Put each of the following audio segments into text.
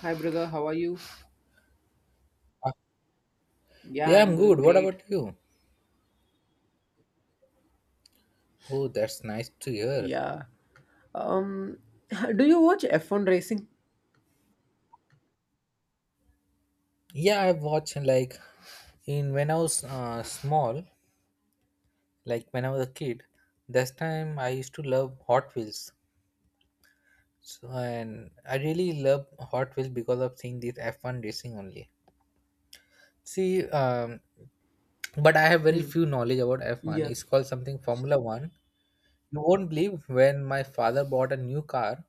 Hi brother, how are you? Yeah, Yeah, I'm I'm good. doing What great. about you? Oh, that's nice to hear. Yeah. Um, do you watch F1 racing? Yeah, I watched like in when I was small, like when I was a kid. That time I used to love Hot Wheels, so and I really love Hot Wheels because of seeing this F1 racing only. See, but I have very Hmm. few knowledge about F1. Yeah. It's called something Formula One. You won't believe when my father bought a new car.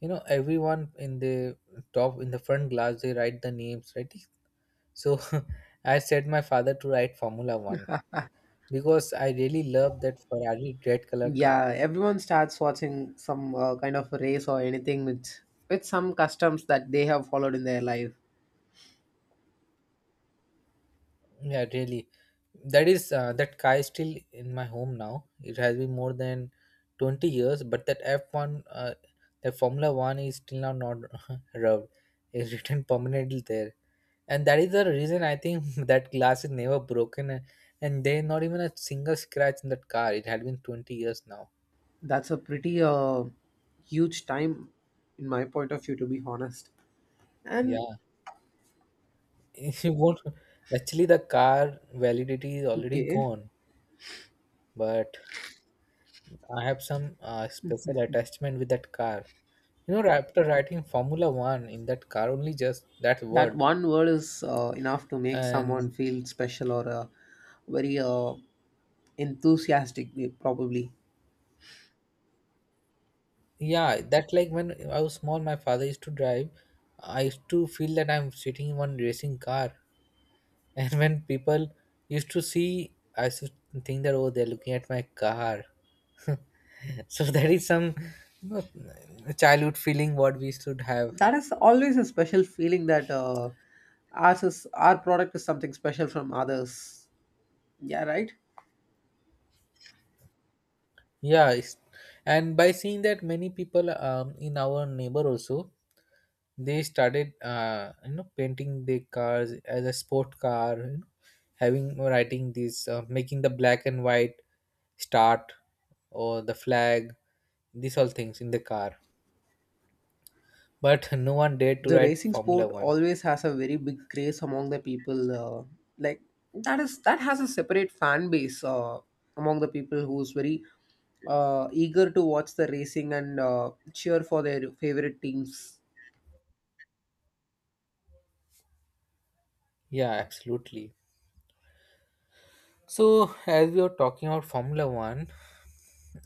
You know, everyone in the top in the front glass they write the names, right? So I set my father to write Formula One because I really love that Ferrari red color car. Yeah, everyone starts watching some kind of race or anything with some customs that they have followed in their life. Yeah, really. That car is still in my home now. It has been more than 20 years, but that F one, the Formula One is still now not rubbed. It's written permanently there, and that is the reason I think that glass is never broken, and there not even a single scratch in that car. It had been 20 years now. That's a pretty huge time, in my point of view, to be honest. And Yeah, if you not actually the car validity is already okay, gone, but I have some special attachment with that car. You know, after writing Formula One in that car, only just that that word, one word is enough to make someone and feel special or very enthusiastic, probably. yeah, that like when I was small, my father used to drive. I used to feel that I'm sitting in one racing car, and when people used to see, I used to think that oh, they're looking at my car. So that is some you know, childhood feeling what we should have. That is always a special feeling that ours is, our product is something special from others. Yeah, right. Yeah, it's, and by seeing that many people in our neighbor also they started you know painting their cars as a sport car, you know, having writing this making the black and white start or the flag, these all things in the car. But no one dared to The write racing Formula sport One. always has a very big craze among the people. Like that has a separate fan base among the people who's very eager to watch the racing and cheer for their favorite teams. Yeah, absolutely. So as we were talking about Formula One,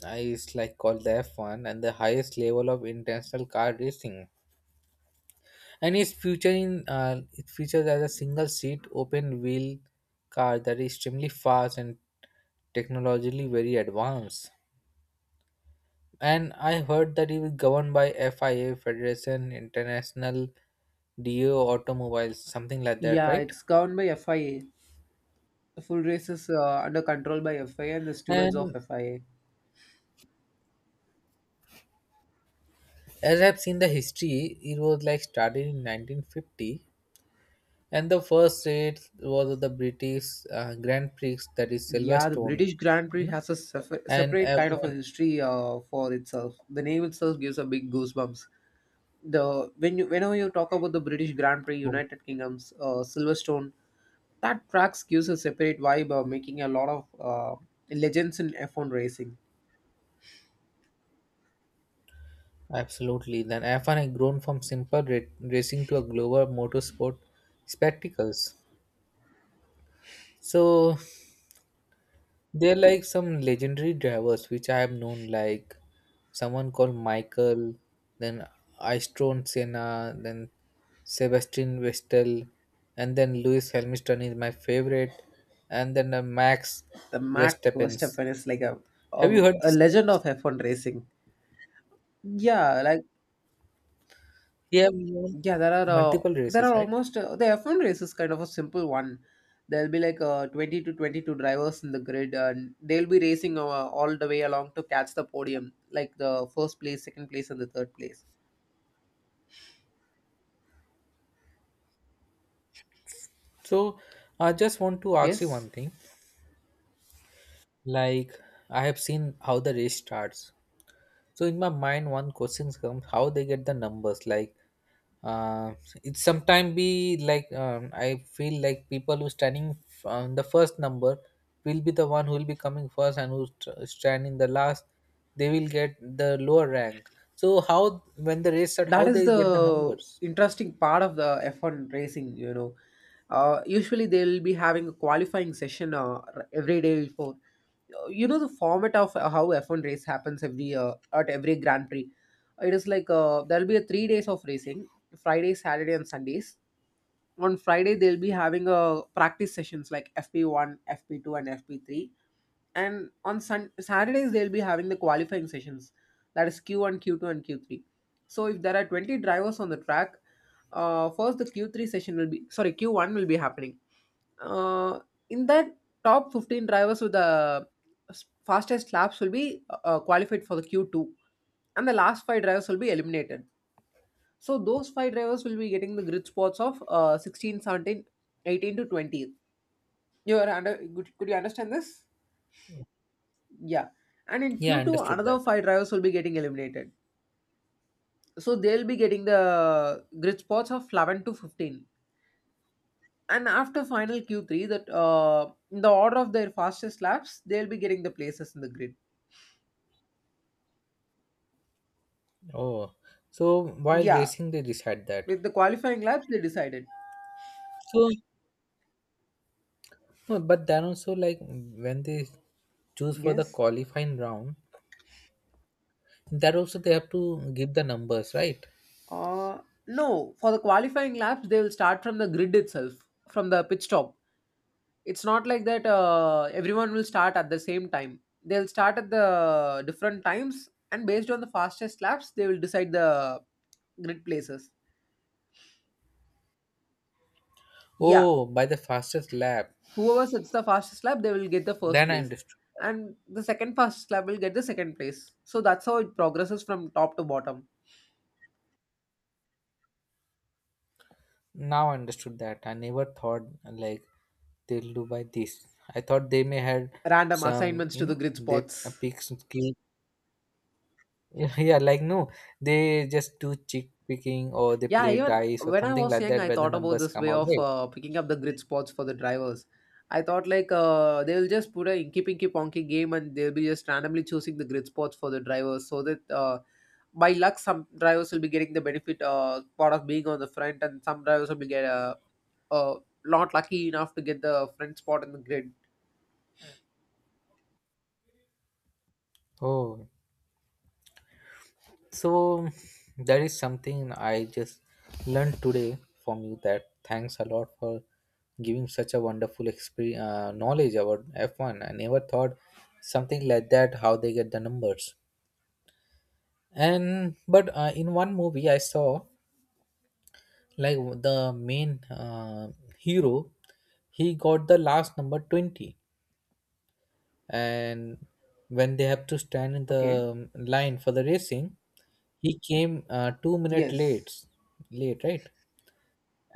is like called the F1 and the highest level of international car racing, and it's featuring it features as a single seat open wheel car that is extremely fast and technologically very advanced. And I heard that it is governed by FIA, Federation International do Automobiles, something like that, Yeah, right? it's governed by FIA. The full race is under control by FIA and the stewards of And FIA. as I've seen the history, it was like started in 1950, and the first race was of the British Grand Prix, that is Yeah, the Silverstone, British Grand you Prix know, has a and separate kind of a everyone. history for itself. The name itself gives a big goosebumps. The when you whenever you talk about the British Grand Prix, United Kingdom's Silverstone, that tracks gives a separate vibe, making a lot of legends in F1 racing. Absolutely. Then F1 had grown from simple racing to a global motorsport spectacles. So they're like some legendary drivers which I have known, like someone called Michael, then Ayrton Senna, then Sebastian Vettel, and then Lewis Hamilton is my favorite, and then Max The Max Verstappen. Verstappen is like a, Have you a heard a these legend names? of F1 racing. Yeah, like. He have won Yeah, there are multiple races, right? almost the F1 race is kind of a simple one. There'll be like 20 to 22 drivers in the grid, and they'll be racing all the way along to catch the podium, like the first place, second place, and the third place. So I just want to ask you one Yes. thing. Like I have seen how the race starts. So in my mind, one question comes: how they get the numbers? Like uh, it sometimes be like I feel like people who standing on the first number will be the one who will be coming first, and who stand in the last, they will get the lower rank. So how when the race start, how That is they get the the numbers? interesting part of the F1 racing. Usually they'll be having a qualifying session every day before. You know the format of how F1 race happens every at every Grand Prix. It is like there'll be a 3 days of racing, Friday, Saturday, and Sundays. On Friday they'll be having a practice sessions like FP1, FP2, and FP3. And on Saturdays they'll be having the qualifying sessions, that is Q1, Q2, and Q3. So if there are 20 drivers on the track, first the Q3 session will be sorry Q1 will be happening. Uh, in that top 15 drivers with the fastest laps will be qualified for the Q2, and the last five drivers will be eliminated, so those five drivers will be getting the grid spots of 16, 17, 18 to 20. You are under, could you understand this? Yeah. And in Yeah, I Q2, understood another that. five drivers will be getting eliminated. So they'll be getting the grid spots of 11 to 15. And after final Q3, that in the order of their fastest laps, they'll be getting the places in the grid. Oh, so while Yeah. racing, they decide that. With the qualifying laps, they decided. So no, but then also like when they choose for the Yes. qualifying round, that also they have to give the numbers, right? Uh, no, for the qualifying laps, they will start from the grid itself, from the pit stop. It's not like that everyone will start at the same time. They'll start at the different times, and based on the fastest laps, they will decide the grid places. Yeah, Oh, by the fastest lap. whoever sets the fastest lap, they will get the first Then I place, understood. and the second fastest lap will get the second place. So that's how it progresses from top to bottom. Now I understood that. I never thought like they'll do by this. I thought they may had Random some, assignments you to the know, grid they spots. pick some skill. Yeah, like no, they just do chick picking or they Yeah, play even dice or when I something was like young, that I where the thought about numbers this come way out. of Right? Picking up the grid spots for the drivers. I thought like they'll just put a Inky Pinky Ponky game and they'll be just randomly choosing the grid spots for the drivers so that by luck some drivers will be getting the benefit part of being on the front and some drivers will be get uh, not lucky enough to get the front spot in the grid. Oh, so that is something I just learned today from you. That thanks a lot for giving such a wonderful experience knowledge about F1. I never thought something like that, how they get the numbers. And but in one movie I saw, like the main hero, he got the last number 20, and when they have to stand in Okay. the line for the racing, he came 2 minutes late Yes. late right?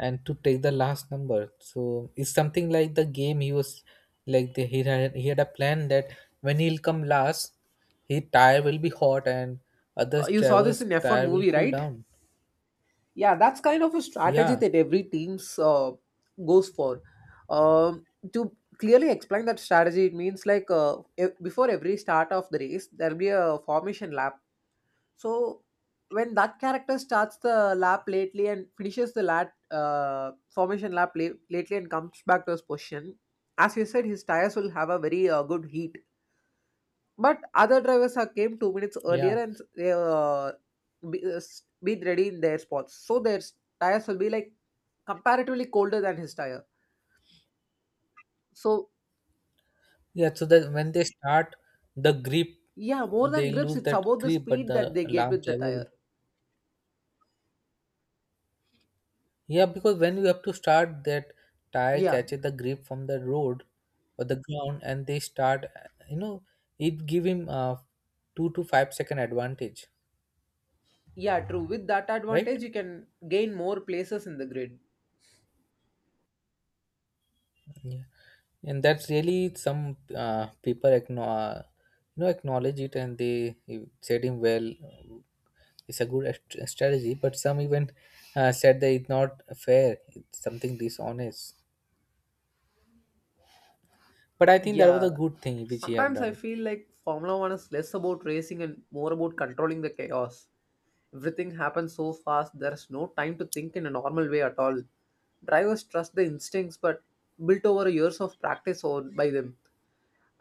And to take the last number. So it's something like the game. He was like the, he had a plan that when he'll come last, his tire will be hot and other You saw this drivers' in F1 tire will movie, cool right? down. Yeah, that's kind of a strategy Yeah, that every team's goes for. Um, to clearly explain that strategy, it means like before every start of the race, there'll be a formation lap. So when that character starts the lap lately and finishes the lap formation lap lately and comes back to his position, as you said, his tires will have a very good heat. But other drivers are came 2 minutes earlier yeah, and they been ready in their spots. So their tires will be like comparatively colder than his tire. So yeah. So that when they start the grip, yeah, more than they grips, lose it's that about the grip, but speed that the they get last with the driver will. tire. Yeah, because when you have to start, that tire Yeah, catches the grip from the road or the ground, and they start. You know, it give him a 2 to 5 second advantage, yeah, true. With that right? advantage, you can gain more places in the grid. Yeah, and that's really some people acknowledge, you know, acknowledge it, and they said him well. It's a good strategy, but some even said that it's not fair. It's something dishonest. But I think that was a Yeah. good thing which he have Sometimes I done. feel like Formula One is less about racing and more about controlling the chaos. Everything happens so fast, there's no time to think in a normal way at all. Drivers trust the instincts but built over years of practice or by them.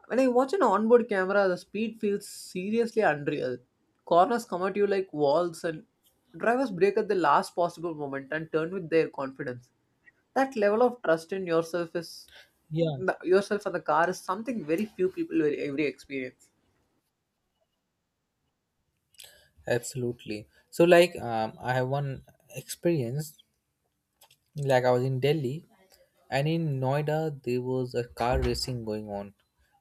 When I watch an onboard camera, the speed feels seriously unreal. Corners come at you like walls, and drivers break at the last possible moment and turn with their confidence. That level of trust in yourself is Yeah. yourself and the car is something very few people will ever experience. Absolutely. So, like, I have one experience. Like, I was in Delhi, and in Noida, there was a car racing going on.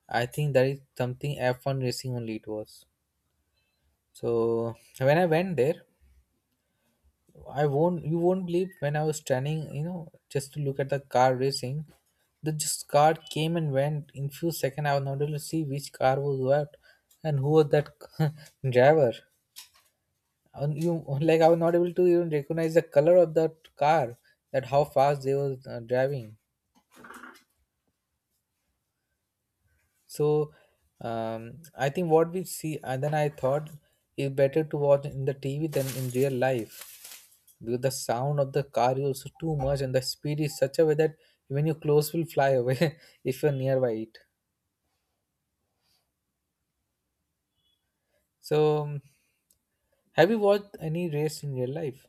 I think that is something F1 racing only it was. So, when I went there, I won't, you won't believe when I was standing, you know, just to look at the car racing, the just car came and went in few seconds. I was not able to see which car was what and who was that driver, and you like I was not able to even recognize the color of that car, that how fast they were driving. So I think what we see, and then I thought it's better to watch in the TV than in real life because the sound of the car is also too much and the speed is such a way that even your clothes will fly away if you're nearby it. So have you watched any race in real life?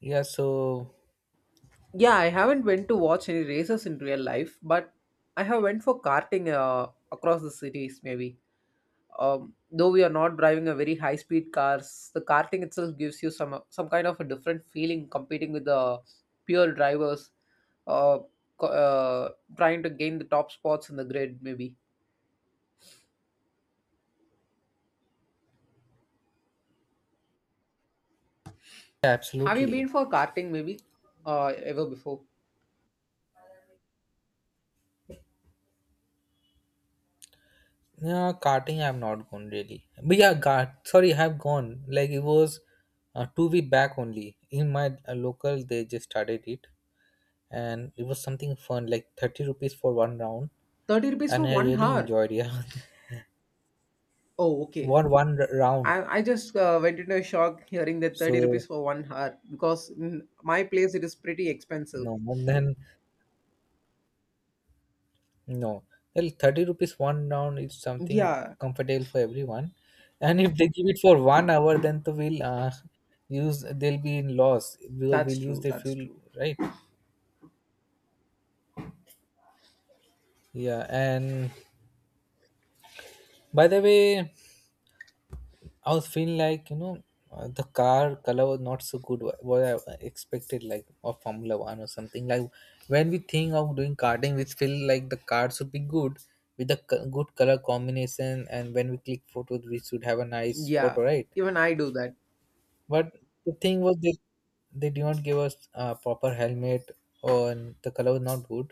Yeah, so Yeah, I haven't went to watch any races in real life, but I have went for karting across the cities maybe. Though we are not driving a very high speed cars, the karting itself gives you some kind of a different feeling competing with the pure drivers, uh, co- uh, trying to gain the top spots in the grid maybe. yeah, Have you absolutely. been for karting maybe uh, ever before? Yeah, karting I've not gone really. But yeah, kart. Sorry, I've gone. Like it was 2 week back only. In my local, they just started it, and it was something fun. Like 30 rupees for one round, 30 rupees and for I one really hour. enjoyed. Yeah, Oh, okay. one round. I just went into a shock hearing that 30 So rupees for 1 hour because in my place it is pretty expensive. no, and then no. Well, 30 rupees one round is something Yeah, comfortable for everyone, and if they give it for 1 hour, then to will use they'll be in loss because that's we'll use true. their That's fuel, true. right? Yeah, and by the way, I was feeling like you know the car color was not so good what I expected, like of Formula One or something. Like when we think of doing karting, we feel like the car should be good with the good color combination, and when we click photos, we should have a nice photo, Yeah, right? even I do that. But the thing was they did not give us a proper helmet, or the color was not good.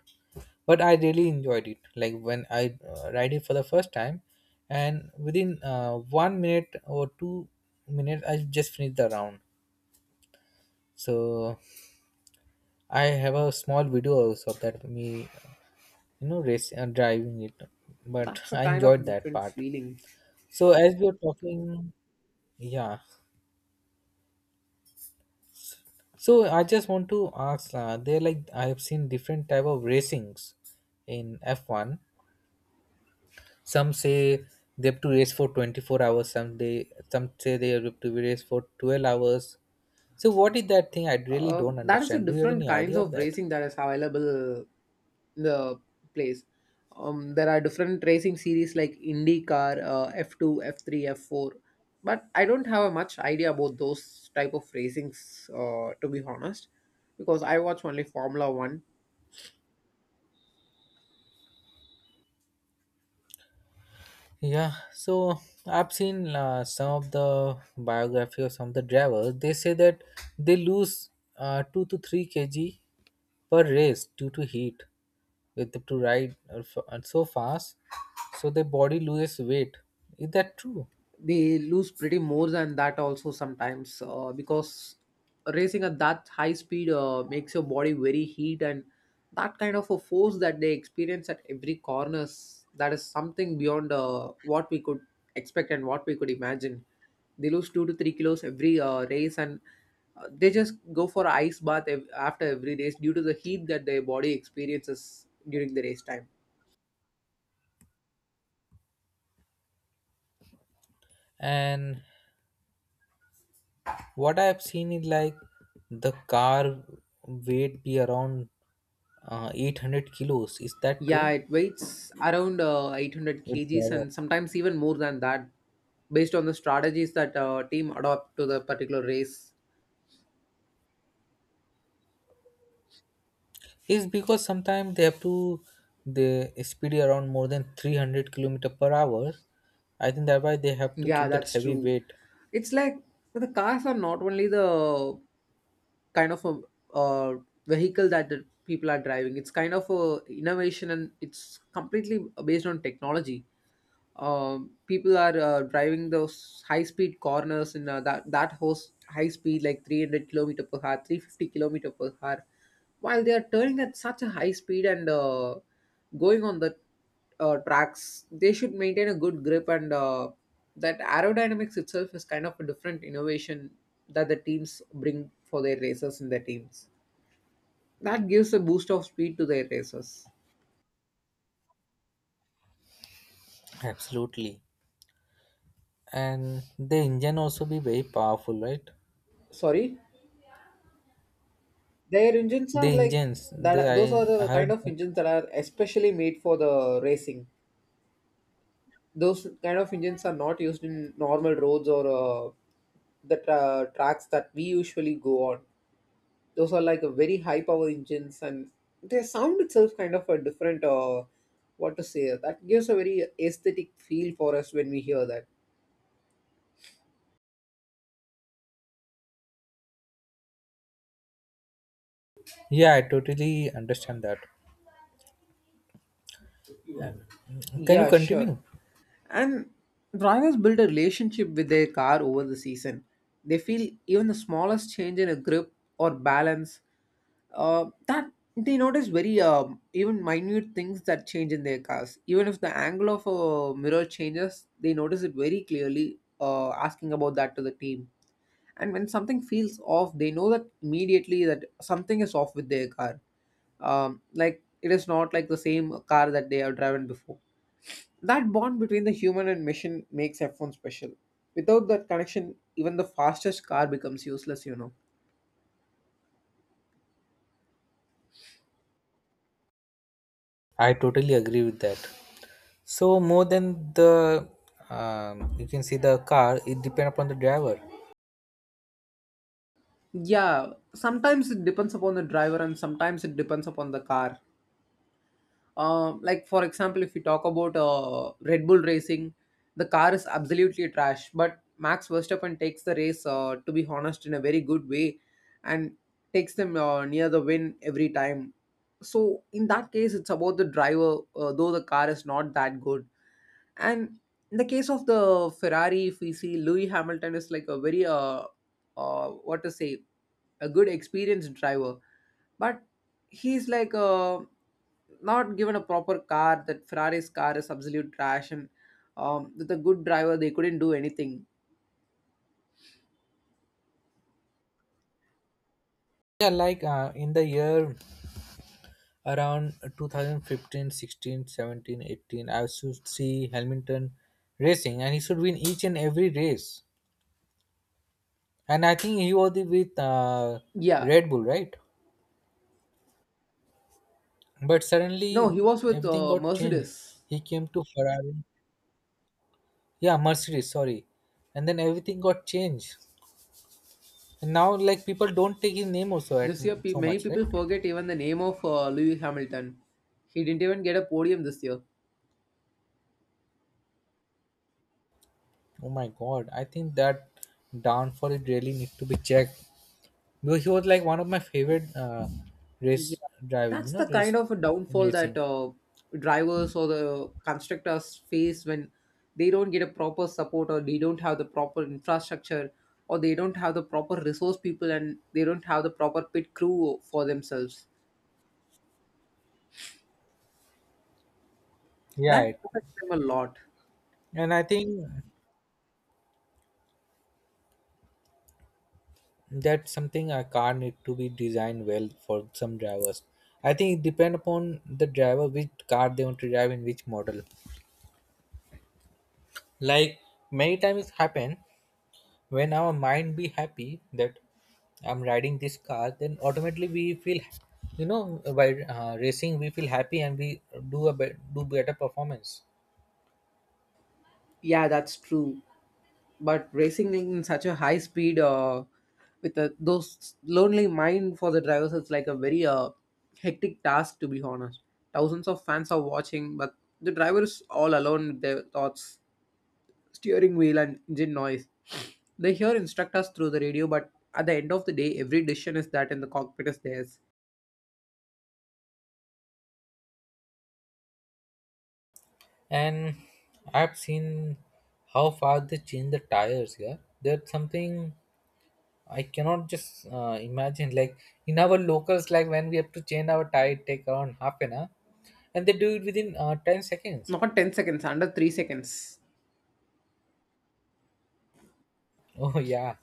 But I really enjoyed it. Like when I ride it for the first time, and within 1 minute or 2 minutes, I just finished the round. So I have a small video also of that me, you know, race driving it. But That's a I kind of enjoyed that different part. feeling. So as we are talking, yeah. So I just want to ask. They like I have seen different type of racings in F one. Some say they have to race for 24 hours. Some say they have to race for 12 hours. So what is that thing? I really don't That is the understand. Do you have different any kinds idea of of that? racing that is available in the place. There are different racing series like IndyCar, F2, F3, F4, but I don't have a much idea about those type of racings. To be honest, because I watch only Formula One. Yeah, so I've seen some of the biography of some of the drivers. They say that they lose 2 to 3 kg per race due to heat. With the, to ride so fast, so their body loses weight. Is that true? They lose pretty more than that also sometimes because racing at that high speed makes your body very heat, and that kind of a force that they experience at every corners, that is something beyond what we could expect and what we could imagine. They lose 2 to 3 kilos every race, and they just go for ice bath after every race due to the heat that their body experiences during the race time. And what I have seen is like the car weight be around 800 kilos, is that true Yeah, it weighs around 800 with kgs driver? and sometimes even more than that, based on the strategies that team adopt to the particular race. Is because sometimes they have to they speed around more than 300 kilometer per hour. I think that why they have to Yeah, keep that that's heavy true. weight. It's like the cars are not only the kind of a uh, vehicle that the people are driving. It's kind of a innovation and it's completely based on technology. People are driving those high speed corners in that host high speed like 300 kilometer per hour 350 kilometer per hour while they are turning at such a high speed and going on the tracks they should maintain a good grip, and that aerodynamics itself is kind of a different innovation that the teams bring for their racers in their teams that gives a boost of speed to their racers. Absolutely. And the engine also be very powerful, right? Sorry. Their engines The are like engines, they that. Those are I the kind heard of that. engines that are especially made for the racing. Those kind of engines are not used in normal roads or the tracks that we usually go on. Those are like a very high power engines, and their sound itself kind of a different. What to say? That gives a very aesthetic feel for us when we hear that. Yeah, I totally understand that. Can you Yeah, sure. continue? And drivers build a relationship with their car over the season. They feel even the smallest change in a grip or balance that they notice very even minute things that change in their cars. Even if the angle of a mirror changes, they notice it very clearly, asking about that to the team. And when something feels off, they know that immediately that something is off with their car. Like it is not like the same car that they have driven before. That bond between the human and machine makes F1 special. Without that connection, even the fastest car becomes useless. I totally agree with that. So more than the you can see the car, it depend upon the driver. Yeah, sometimes it depends upon the driver and sometimes it depends upon the car. Like, for example, if you talk about Red Bull racing, the car is absolutely trash, but Max Verstappen takes the race, to be honest, in a very good way and takes them near the win every time. So, in that case, it's about the driver, though the car is not that good. And in the case of the Ferrari, if we see Louis Hamilton is like a very uh what to say, a good experienced driver, but he's like not given a proper car. That Ferrari's car is absolute trash, and with a good driver they couldn't do anything. Yeah, like in the year around 2015, sixteen, seventeen, eighteen, 16, 17, 18, I should see Hamilton racing, and he should win each and every race. And I think he was with Yeah, Red Bull, right? But no, suddenly he was with everything got changed. Mercedes He came to Ferrari, yeah, Mercedes, sorry, and then everything got changed. And now, like people don't take his name also at this year. So Many much, right? people forget even the name of Louis Hamilton. He didn't even get a podium this year. Oh my god, I think that downfall it really need to be checked because he was like one of my favorite race Yeah, driving, that's the race kind of a in downfall that racing. Drivers or the constructors face when they don't get a proper support, or they don't have the proper infrastructure, or they don't have the proper resource people, and they don't have the proper pit crew for themselves. Yeah, That affects them a lot. and I think that's something a car need to be designed well for some drivers. I think it depend upon the driver which car they want to drive in which model. Like many times it happen when our mind be happy that I'm riding this car, then automatically we feel, by racing, we feel happy and we do better performance. Yeah, that's true. But racing in such a high speed with those lonely mind for the drivers is like a very hectic task, to be honest. Thousands of fans are watching, but the driver is all alone with their thoughts, steering wheel and engine noise. They hear instructors through the radio, but at the end of the day every decision is that in the cockpit is theirs. And I've seen how far they change the tires. Yeah, that's something I cannot just imagine. Like in our locals, like when we have to change our tire, it take around half an hour, and they do it within 10 seconds. Not 10 seconds, under 3 seconds. Oh yeah,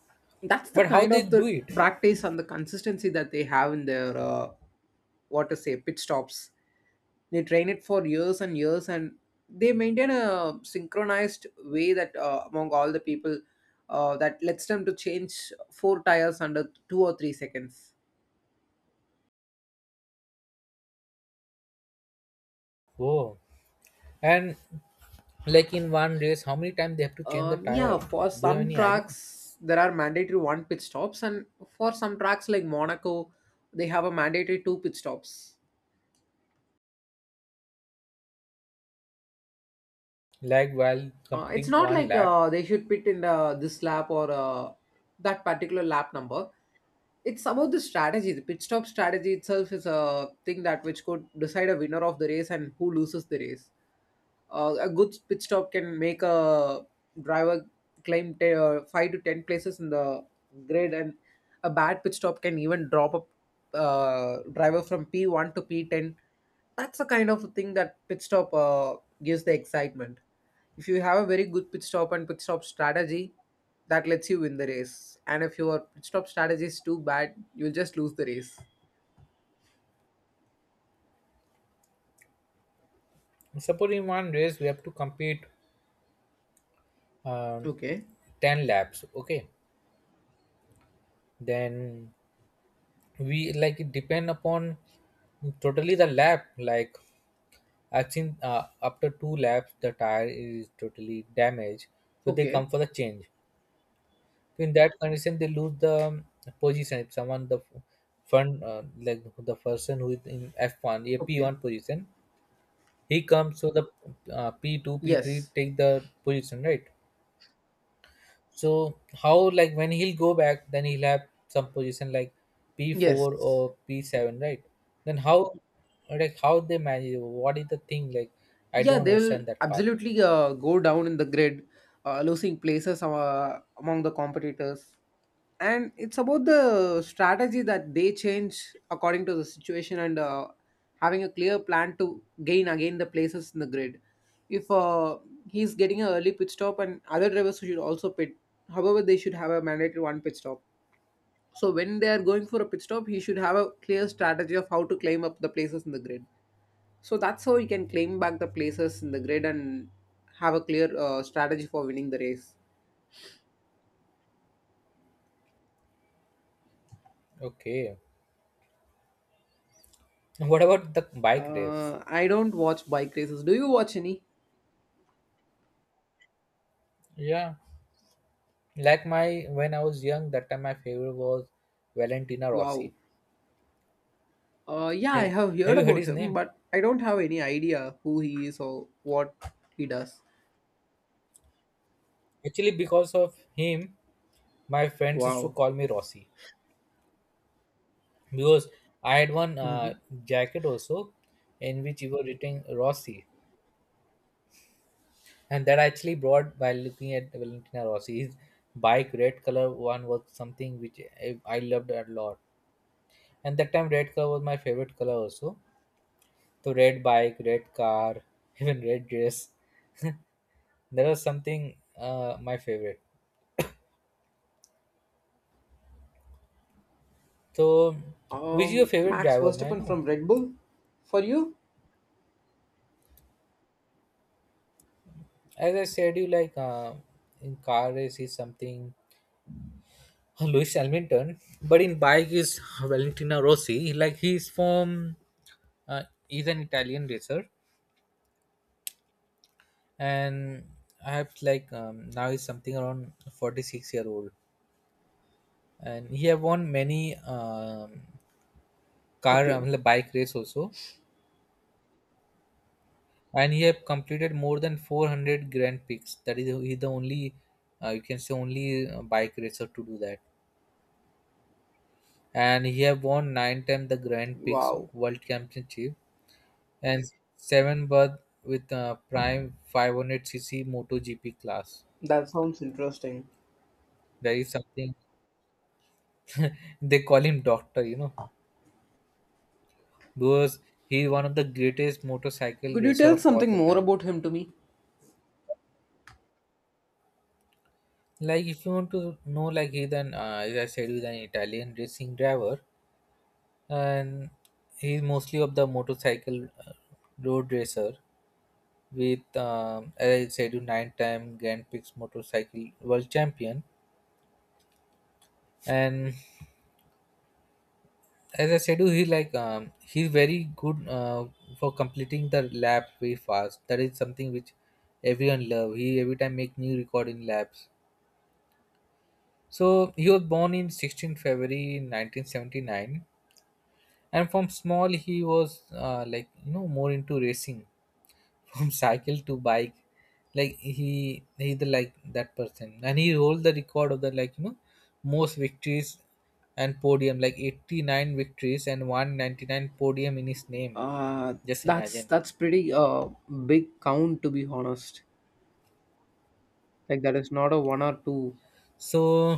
That's the but how kind they of do the it? practice and the consistency that they have in their what to say pit stops. They train it for years and years, and they maintain a synchronized way that among all the people that lets them to change four tires under 2 or 3 seconds. Oh, and like in one race, how many times they have to change the Yeah, tire? for Do you have some any idea? tracks there are mandatory one pit stops, and for some tracks like Monaco they have a mandatory two pit stops. Like while It's competing not one like lap, they should pit in the, this lap, or that particular lap number. It's about the strategy. The pit stop strategy itself is a thing that which could decide a winner of the race and who loses the race. A good pit stop can make a driver climb five to ten places in the grid, and a bad pit stop can even drop a driver from P one to P ten. That's the kind of thing that pit stop gives the excitement. If you have a very good pit stop and pit stop strategy, that lets you win the race. And if your pit stop strategy is too bad, you'll just lose the race. suppose in one race we have to compete um, Okay. 10 laps. Okay, then we, like it depend upon totally the lap. Like I think after 2 laps the tire is totally damaged, so they Okay. come for the change. So in that condition, they lose the position. If someone the front, like the person who is in F1, a P1 Okay. position, he comes, so the P2 P3 Yes. take the position, right? So how, like when he'll go back, then he'll have some position like P4 Yes. or P7, right? Then how, like how they manage, what is the thing, like I Yeah, don't they'll understand that part. absolutely go down in the grid, losing places among the competitors. And it's about the strategy that they change according to the situation, and having a clear plan to gain again the places in the grid. If he's getting an early pit stop and other drivers should also pit, however they should have a mandatory one pit stop. So when they are going for a pit stop, he should have a clear strategy of how to claim up the places in the grid. So that's how he can claim back the places in the grid and have a clear strategy for winning the race. Okay, what about the bike race? I don't watch bike races. Do you watch any? Yeah, like my, when I was young, that time my favorite was Valentina Wow. Rossi. Yeah, have, I have have heard you heard about his him, name? but I don't have any idea who he is or what he does. Actually, because of him, my friends used to Wow. call me Rossi, because I had one Hmm. jacket also in which you were written Rossi, and that I actually brought by looking at Valentina Rossi's bike. Red color one was something which I loved a lot, and that time red color was my favorite color also. So, red bike, red car, even red dress. That was something my favorite. So, which is your favorite Max driver? May I Verstappen know? from Red Bull? For you? As I said, you like, in car race is something, Lewis Hamilton, but in bike is Valentino Rossi. Like he's from, he's an Italian racer, and I have like, now he's something around 46-year old, and he have won many, car, Okay. bike race also, and he have completed more than 400 Grand Prix. That is he the only, you can say only bike racer to do that, and he have won nine times the Grand Prix Wow. World Championship and seven berth with prime 500 cc MotoGP class. That sounds interesting. That is something, they call him doctor, because he's one of the greatest motorcycle Could you racer tell of all something the more time. about him to me? Like, if you want to know, like he's an, as I said, he's an Italian racing driver, and he's mostly of the motorcycle, road racer with, as I said, you nine-time Grand Prix motorcycle world champion, and as I said, he like, he's very good for completing the lap very fast. That is something which everyone love. He every time make new record in laps. So he was born in 16th February 1979, and from small he was, like more into racing, from cycle to bike. Like he the, like that person, and he holds the record of the, like, most victories and podium, like 89 victories and 199 podium in his name. Uh, Just that's imagine. Pretty big count, to be honest. Like that is not a one or two. So,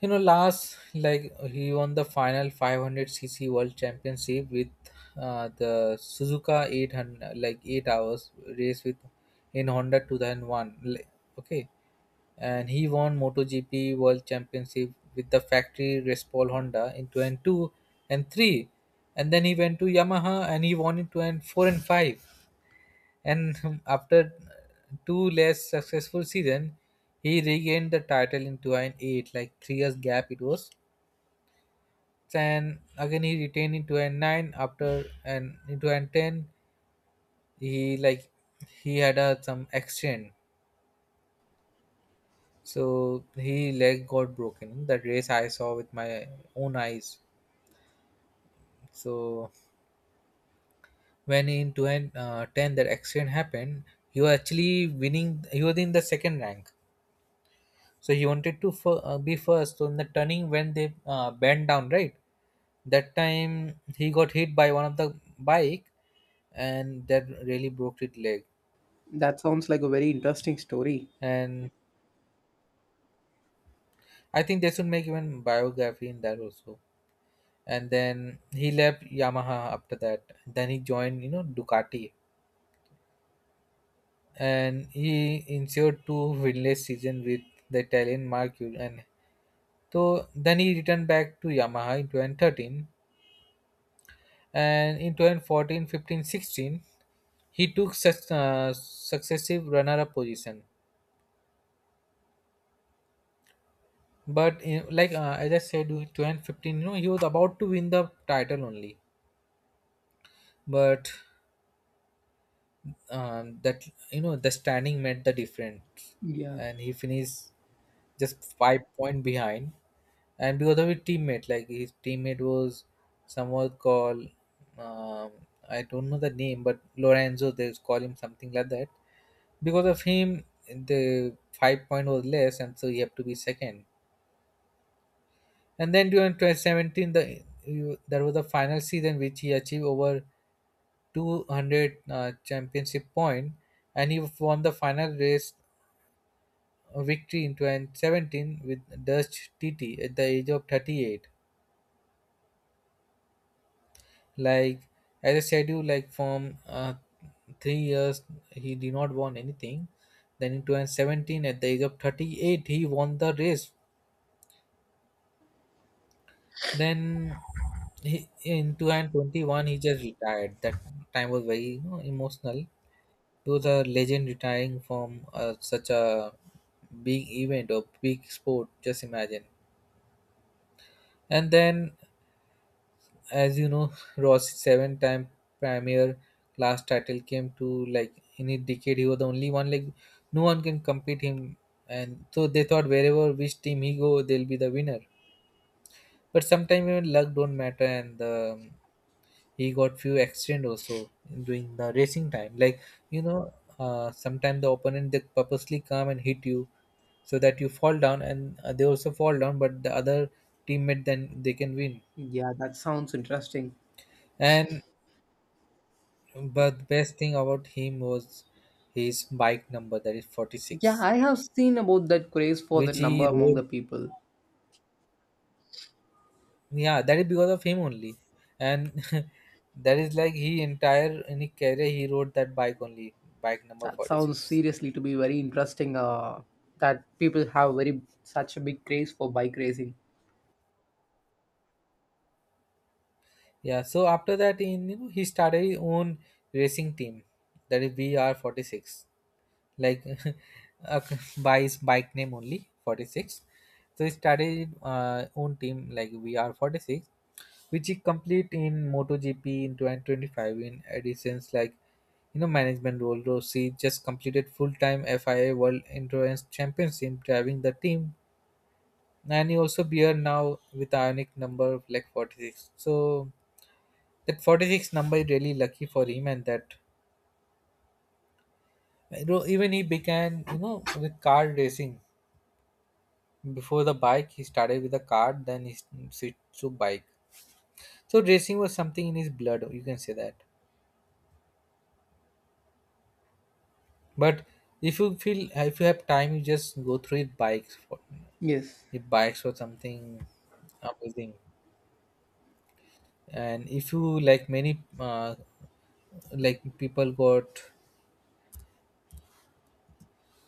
Last, like he won the final 500 cc World Championship with, the Suzuka 800, like 8 hours race, with in Honda 2001. Like, okay, and he won MotoGP World Championship with the factory Respal Honda in two and 3, and then he went to Yamaha and he won in two and four and 5, and after two less successful season he regained the title in 2008, like 3 years gap it was, and again he retained in 2009 after, and in 2010 he, like he had a some accident, so he leg got broken. That race I saw with my own eyes. So when in 2010 that accident happened, he was actually winning, he was in the second rank, so he wanted to be first, so in the turning when they bent down, right, that time he got hit by one of the bike, and that really broke his leg. That sounds like a very interesting story. And I think they should make even biography in that also. And then he left Yamaha. After that, then he joined, Ducati, and he insured two winless season with the Italian Mercury. And so then he returned back to Yamaha in 2013, and in 2014, 15, sixteen, he took such, successive runner-up position, but you know, like, as I said, 2015, he was about to win the title only, but, that, the standing made the difference, Yeah. and he finished just 5 point behind. And because of his teammate, like his teammate was someone called, um, I don't know the name, but Lorenzo. They call him something like that. Because of him, the 5 point was less, and so he had to be second. And then during 2017, there was the final season which he achieved over 200 championship point, and he won the final race victory in 2017 with Dutch TT at the age of 38. Like, as I said, you like from, 3 years he did not won anything. Then in 2017, at the age of 38, he won the race. Then he, in 2021, he just retired. That time was very, emotional, to the legend retiring from such a big event or big sport. Just imagine. And then, as you know, Ross seven time premier class title came to, like in a decade he was the only one, like no one can compete him, and so they thought wherever which team he go, they'll be the winner. But sometimes even luck don't matter, and, he got few accident also during the racing time. Like, you know, sometimes the opponent, they purposely come and hit you, so that you fall down, and they also fall down. But the other teammate then they can win. Yeah, that sounds interesting. And but the best thing about him was his bike number, that is Yeah, 46, I have seen about that craze for which that number he among rode. the people. Yeah, that is because of him only. And that is like, he entire in his career he rode that bike only, bike number That sounds 46. seriously to be very interesting. That people have very such a big craze for bike racing. Yeah, so after that, in, he started his own racing team, that is vr 46. Like, uh, by his bike name only, 46. So he started own team like vr 46, which he complete in MotoGP in 2025 in additions, like, management role. Rossi just completed full-time FIA World Endurance Championship driving the team, and he also bear now with ionic number of like 46. So that 46 number is really lucky for him, and that, even he began, with car racing before the bike. He started with a car, then he switched to bike. So racing was something in his blood, you can say that. But if you feel, if you have time, you just go through it bikes for Yes. it bikes or something amazing. And if you like many, like people got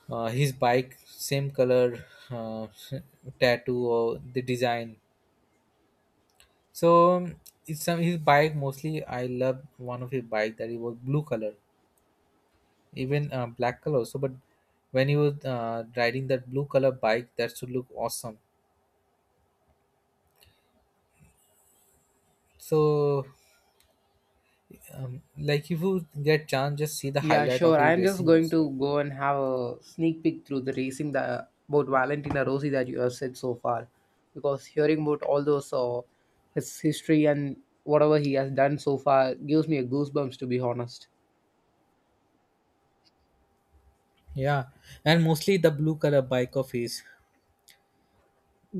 his bike same color, uh, tattoo or the design. So, it's some his bike mostly. I love one of his bike that it was blue color, even black color also. But when he was riding that blue color bike, that should look awesome. So, like if you get chance, just see the Yeah, highlight of sure. his I'm just racing going also. to go and have a sneak peek through the racing that about Valentina Rossi that you have said so far, because hearing about all those his history and whatever he has done so far gives me a goosebumps, to be honest. Yeah, and mostly the blue color bike of his,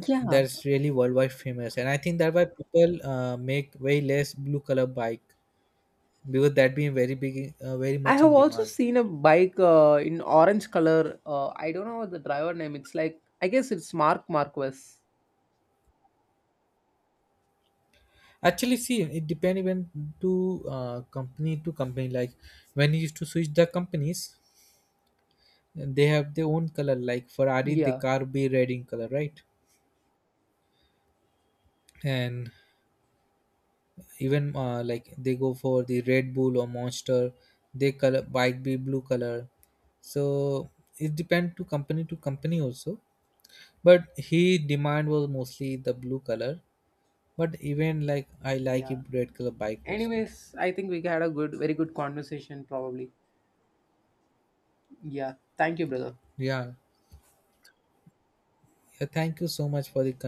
Yeah, that's really worldwide famous, and I think that why people make way less blue color bike, because that being very big, very I much have in also demand. seen a bike in orange color. I don't know what the driver name. It's like I guess it's Mark Marquez. Actually, see, it depends even to, company to company. Like when you used to switch the companies, they have their own color. Like Ferrari, the Yeah, car be red in color, right? And even, like they go for the red bull or monster, they color might be blue color. So it depends to company also, but he demand was mostly the blue color, but even like I like a yeah. red color bike also. Anyways, I think we had a good, very good conversation. Probably. Yeah. Thank you, brother. Yeah, yeah, thank you so much for the